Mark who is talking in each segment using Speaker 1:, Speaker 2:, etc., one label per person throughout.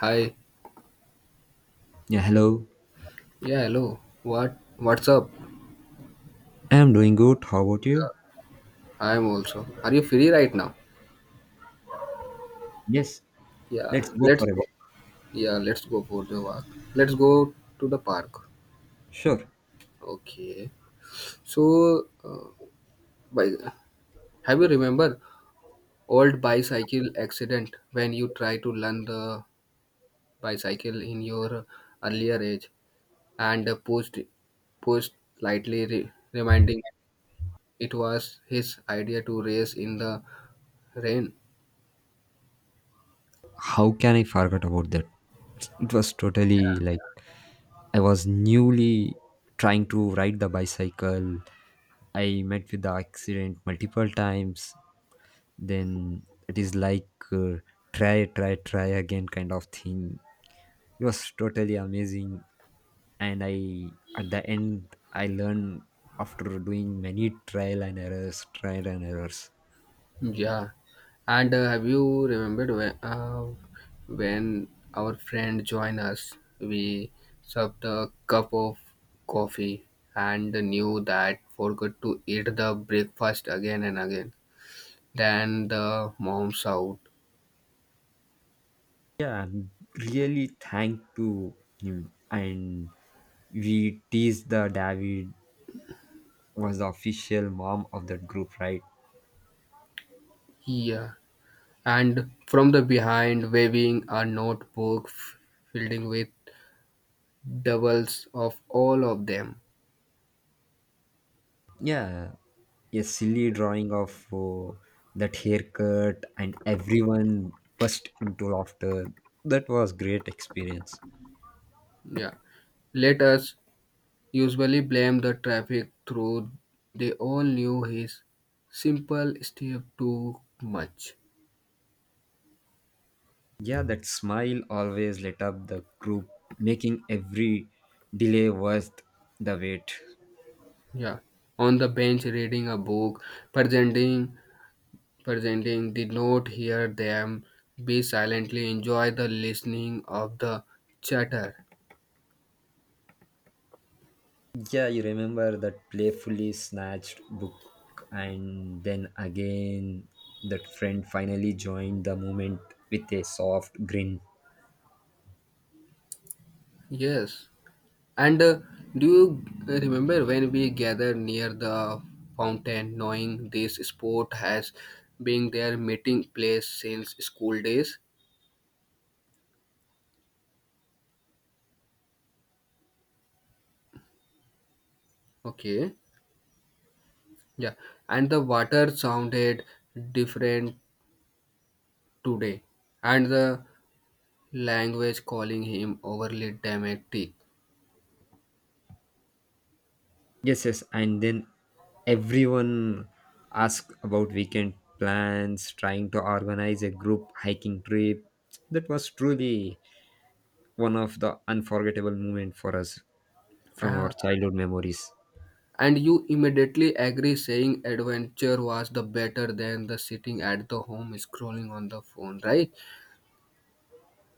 Speaker 1: Hi.
Speaker 2: Yeah, hello.
Speaker 1: Yeah, hello. What's up?
Speaker 2: I'm doing good. How about you?
Speaker 1: I'm also. Are you free right now?
Speaker 2: Yes,
Speaker 1: Yeah.
Speaker 2: let's go
Speaker 1: Let's
Speaker 2: for a walk.
Speaker 1: yeah, let's go for the walk. Let's go to the park.
Speaker 2: Sure.
Speaker 1: Okay. So, by have you remember old bicycle accident when you try to learn the bicycle in your earlier age and pushed pushed lightly reminding it was his idea to race in the rain.
Speaker 2: How can I forget about that? It was totally
Speaker 1: Yeah.
Speaker 2: like I was newly trying to ride the bicycle. I met with the accident multiple times. Then it is like try, try, try again kind of thing. It was totally amazing. And I, at the end, I learned after doing many trial and errors, trial and errors.
Speaker 1: Yeah, and have you remembered when our friend joined us, we served a cup of coffee and knew that forgot to eat the breakfast again and again. Then the mom shout,
Speaker 2: Yeah, really thank to him. And we teased the David was the official mom of that group, right?
Speaker 1: "Yeah!" and from the behind, waving a notebook filled with doubles of all of them.
Speaker 2: Yeah, a silly drawing of that haircut, and everyone burst into laughter. That was great experience.
Speaker 1: Yeah, let us usually blame the traffic through they all knew his simple step too much,
Speaker 2: Yeah, that smile always lit up the group, making every delay worth the wait.
Speaker 1: yeah, on the bench reading a book presenting presenting did not hear them be silently enjoy the listening of the chatter.
Speaker 2: Yeah, you remember that playfully snatched book, and then again, that friend finally joined the moment with a soft grin.
Speaker 1: Yes, and do you remember when we gathered near the fountain knowing this sport has been their meeting place since school days. Okay. Yeah, and the water sounded different today, and the language calling him overly dramatic.
Speaker 2: Yes, yes, and then everyone asked about weekend plans, trying to organize a group hiking trip. That was truly one of the unforgettable moments for us from our
Speaker 1: Uh,
Speaker 2: childhood memories.
Speaker 1: and you immediately agree, saying adventure was the better than the sitting at the home scrolling on the phone, right?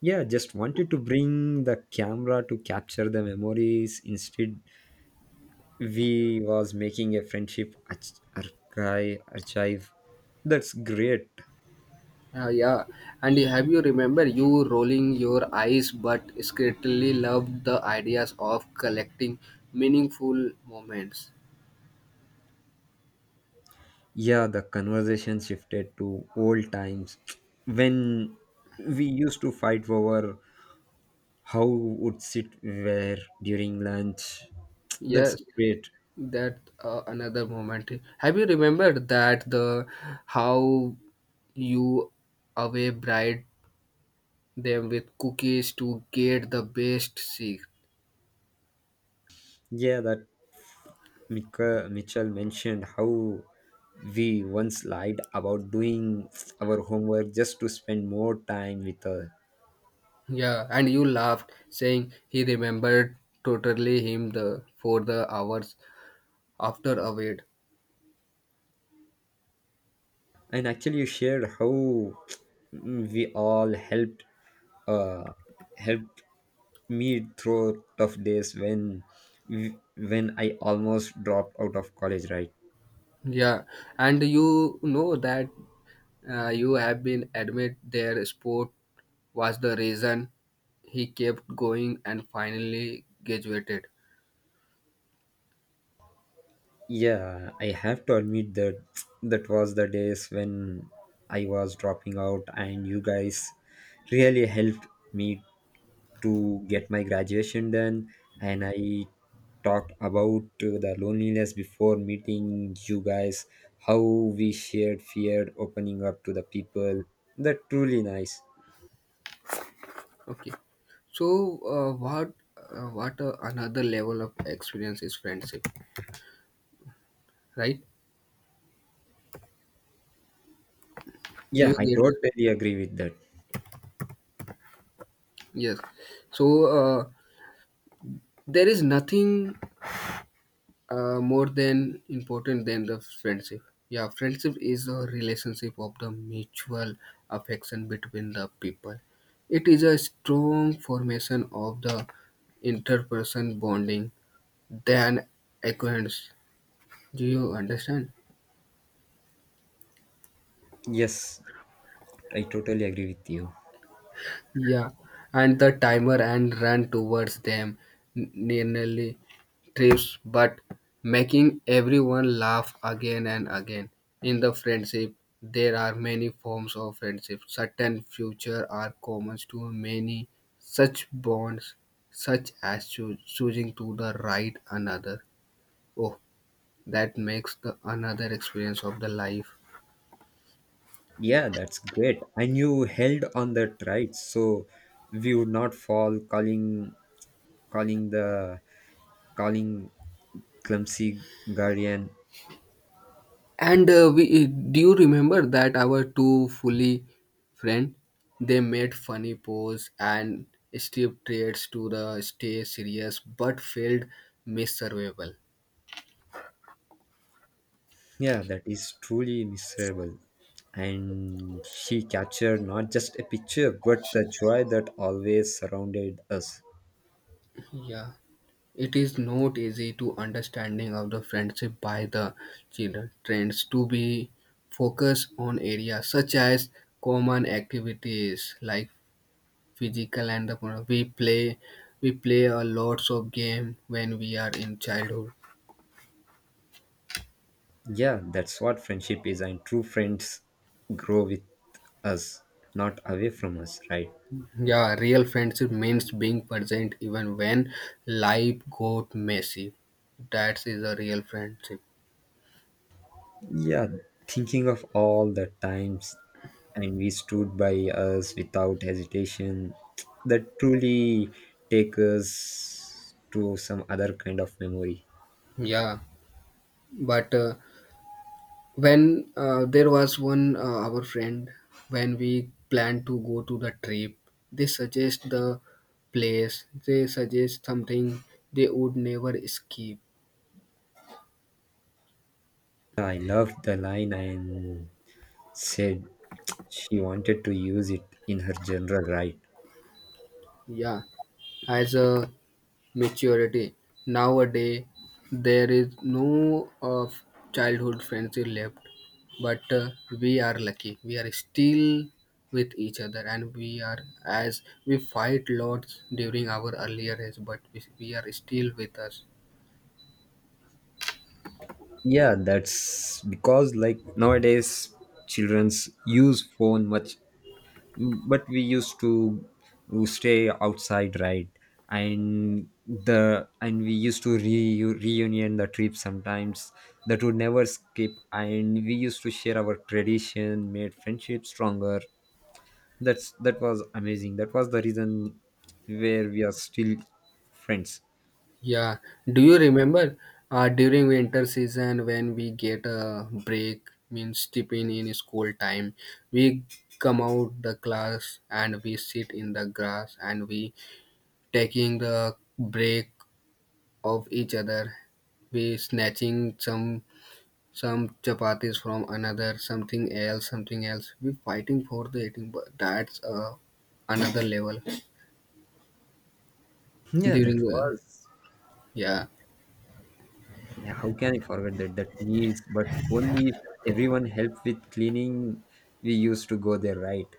Speaker 2: Yeah, just wanted to bring the camera to capture the memories instead we was making a friendship archive archive. That's great.
Speaker 1: Yeah, and have you remember you rolling your eyes but secretly loved the ideas of collecting meaningful moments?
Speaker 2: Yeah, the conversation shifted to old times when we used to fight over how would sit where during lunch. That's
Speaker 1: Yes.
Speaker 2: great.
Speaker 1: That another moment, have you remembered that the how you away bribed them with cookies to get the best seat.
Speaker 2: Yeah, that Mika, Mitchell mentioned how we once lied about doing our homework just to spend more time with her.
Speaker 1: Yeah, and you laughed saying he remembered totally him the for the hours after away.
Speaker 2: And actually you shared how we all helped uh helped me through tough days when I almost dropped out of college, right?
Speaker 1: Yeah, and you know that you have been admit their sport was the reason he kept going and finally graduated.
Speaker 2: Yeah, I have to admit that that was the days when I was dropping out, and you guys really helped me to get my graduation done. And I talked about the loneliness before meeting you guys, how we shared fear, opening up to the people. That truly nice.
Speaker 1: Okay. So, what another level of experience is friendship, right? Do
Speaker 2: Yeah,
Speaker 1: you
Speaker 2: I
Speaker 1: get it?
Speaker 2: totally agree with that.
Speaker 1: Yes. So, there is nothing more than important than the friendship. Yeah, friendship is a relationship of the mutual affection between the people. It is a strong formation of the interperson bonding than acquaintance. Do you understand?
Speaker 2: Yes, I totally agree with you.
Speaker 1: Yeah, and the timer and ran towards them, nearly trips, but making everyone laugh again and again. In the friendship, there are many forms of friendship. Certain future are common to many such bonds, such as choosing to the right another. Oh, that makes the another experience of the life.
Speaker 2: Yeah, that's great. And you held on that right, so we would not fall calling the calling clumsy guardian.
Speaker 1: And we do you remember that our two fully friend they made funny pose and steep traits to the stay serious but failed miss survival.
Speaker 2: Yeah, that is truly miserable. And she captured not just a picture, but the joy that always surrounded us.
Speaker 1: Yeah. It is not easy to understanding of the friendship by the children trends to be focused on areas such as common activities like physical and the we play a lots of game when we are in childhood.
Speaker 2: Yeah, that's what friendship is, and true friends grow with us, not away from us, right?
Speaker 1: Yeah, real friendship means being present even when life got messy. That is a real friendship.
Speaker 2: Yeah, thinking of all the times and we stood by us without hesitation, that truly take us to some other kind of memory.
Speaker 1: Yeah, but when there was one our friend when we planned to go to the trip, they suggest the place. They suggest something they would never skip.
Speaker 2: I loved the line and said she wanted to use it in her general, right.
Speaker 1: Yeah, as a maturity. Nowadays, there is no of childhood friendship left, but we are lucky. We are still with each other, and we are as we fight lots during our earlier age, but we are still with us.
Speaker 2: Yeah, that's because like nowadays childrens use phone much, but we used to stay outside, right? And the and we used to re reunion the trip sometimes that would never skip, and we used to share our tradition made friendship stronger. That was amazing. That was the reason where we are still friends.
Speaker 1: Yeah. Do you remember during winter season when we get a break, means tipping in school time, we come out the class and we sit in the grass and we taking the break of each other, be snatching some chapatis from another, something else, something else. We fighting for the eating, but that's another level.
Speaker 2: Yeah, that
Speaker 1: During the
Speaker 2: was
Speaker 1: yeah
Speaker 2: yeah. How can I forget that? That means but only if everyone helped with cleaning we used to go there, right?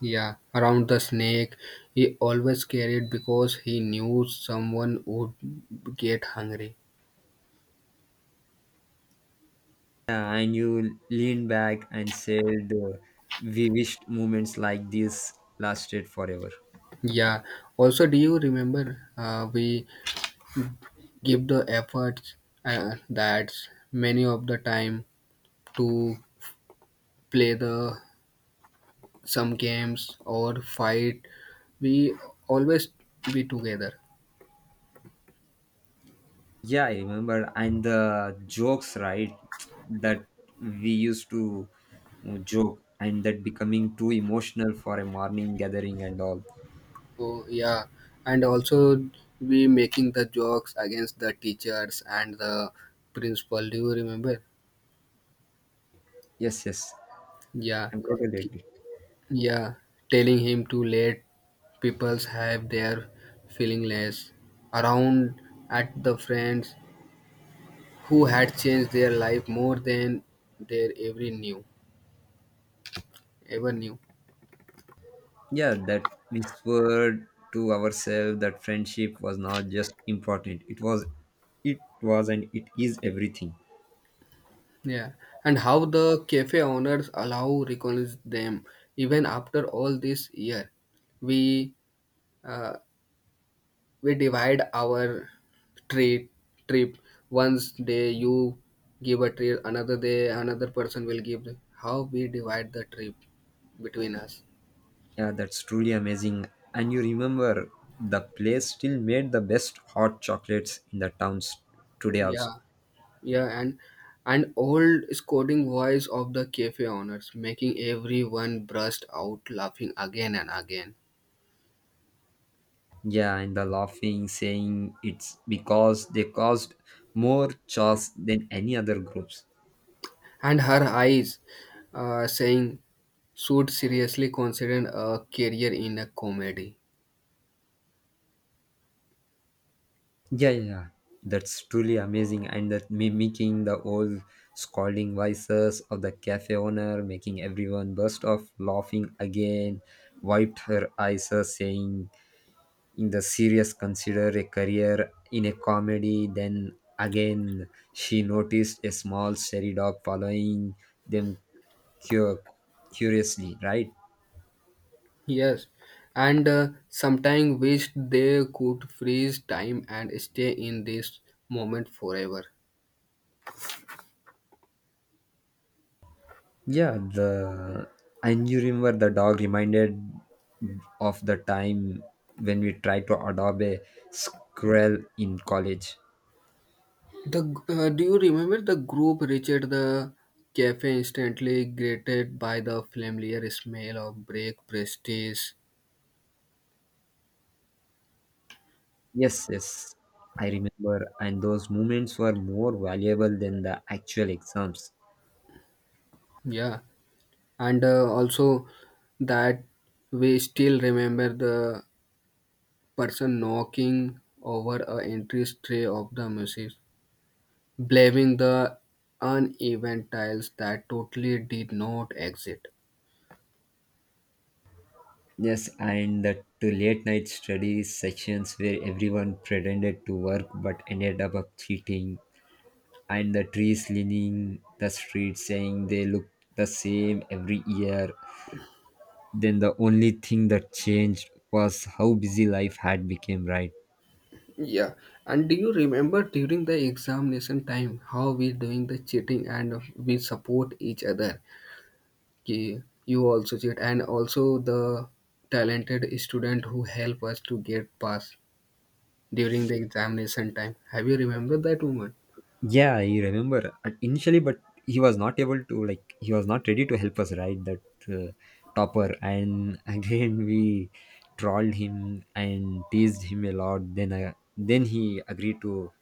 Speaker 1: yeah around the snake, he always carried because he knew someone would get hungry.
Speaker 2: Yeah, and you leaned back and said, we wished moments like this lasted forever.
Speaker 1: Yeah. Also, do you remember we give the efforts that many of the time to play the some games or fight we always be together.
Speaker 2: Yeah, I remember. And the jokes, right? That we used to joke and that becoming too emotional for a morning gathering and all.
Speaker 1: So yeah, and also we making the jokes against the teachers and the principal, do you remember?
Speaker 2: Yes, yes.
Speaker 1: Yeah,
Speaker 2: I'm totally agree.
Speaker 1: yeah, telling him to let peoples have their feeling less around at the friends who had changed their life more than their every knew ever knew.
Speaker 2: Yeah, that we swore to ourselves that friendship was not just important. It was, and it is everything.
Speaker 1: Yeah, and how the cafe owners allow recognize them even after all this year. We uh, we divide our treat trip. Once day you give a treat, another day another person will give. How we divide the trip between us.
Speaker 2: Yeah, that's truly amazing. And you remember, the place still made the best hot chocolates in the towns today, also.
Speaker 1: Yeah, yeah, and old scolding voice of the cafe owners, making everyone burst out laughing again and again.
Speaker 2: Yeah, and the laughing, saying it's because they caused more chores than any other groups.
Speaker 1: And her eyes, saying should seriously consider a career in a comedy.
Speaker 2: Yeah, yeah, yeah. That's truly amazing. And that mimicking the old scolding voices of the cafe owner, making everyone burst off laughing again, wiped her eyes, saying, in the serious consider a career in a comedy. Then again she noticed a small stray dog following them cu- curiously, right?
Speaker 1: Yes, and sometimes wish they could freeze time and stay in this moment forever.
Speaker 2: Yeah, the and you remember the dog reminded of the time when we tried to adopt a squirrel in college.
Speaker 1: The do you remember the group reached the cafe instantly greeted by the familiar smell of break prestige.
Speaker 2: Yes, yes, I remember, and those moments were more valuable than the actual exams.
Speaker 1: Yeah, and also that we still remember the person knocking over a entry tray of the music blaming the uneven tiles that totally did not exist.
Speaker 2: Yes, and the to late night study sections where everyone pretended to work but ended up cheating, and the trees leaning the street saying they look the same every year. Then the only thing that changed was how busy life had become, right?
Speaker 1: Yeah, and do you remember during the examination time how we doing the cheating and we support each other? Ki you also cheat and also the talented student who help us to get pass during the examination time. Have you remembered that woman?
Speaker 2: Yeah, I remember initially, but he was not able to like he was not ready to help us ride that uh, topper, and again we trolled him and teased him a lot. Then he agreed to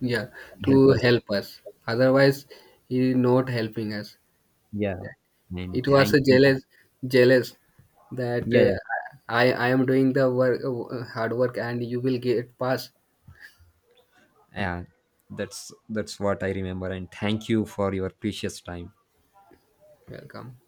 Speaker 1: Yeah,
Speaker 2: help
Speaker 1: to
Speaker 2: us.
Speaker 1: help us. Otherwise, he not helping us.
Speaker 2: Yeah, and
Speaker 1: It was
Speaker 2: thank
Speaker 1: a
Speaker 2: you.
Speaker 1: jealous that
Speaker 2: Yeah,
Speaker 1: uh,
Speaker 2: yeah,
Speaker 1: I I am doing the work, hard work, and you will get pass.
Speaker 2: yeah. That's what I remember, and thank you for your precious time.
Speaker 1: Welcome.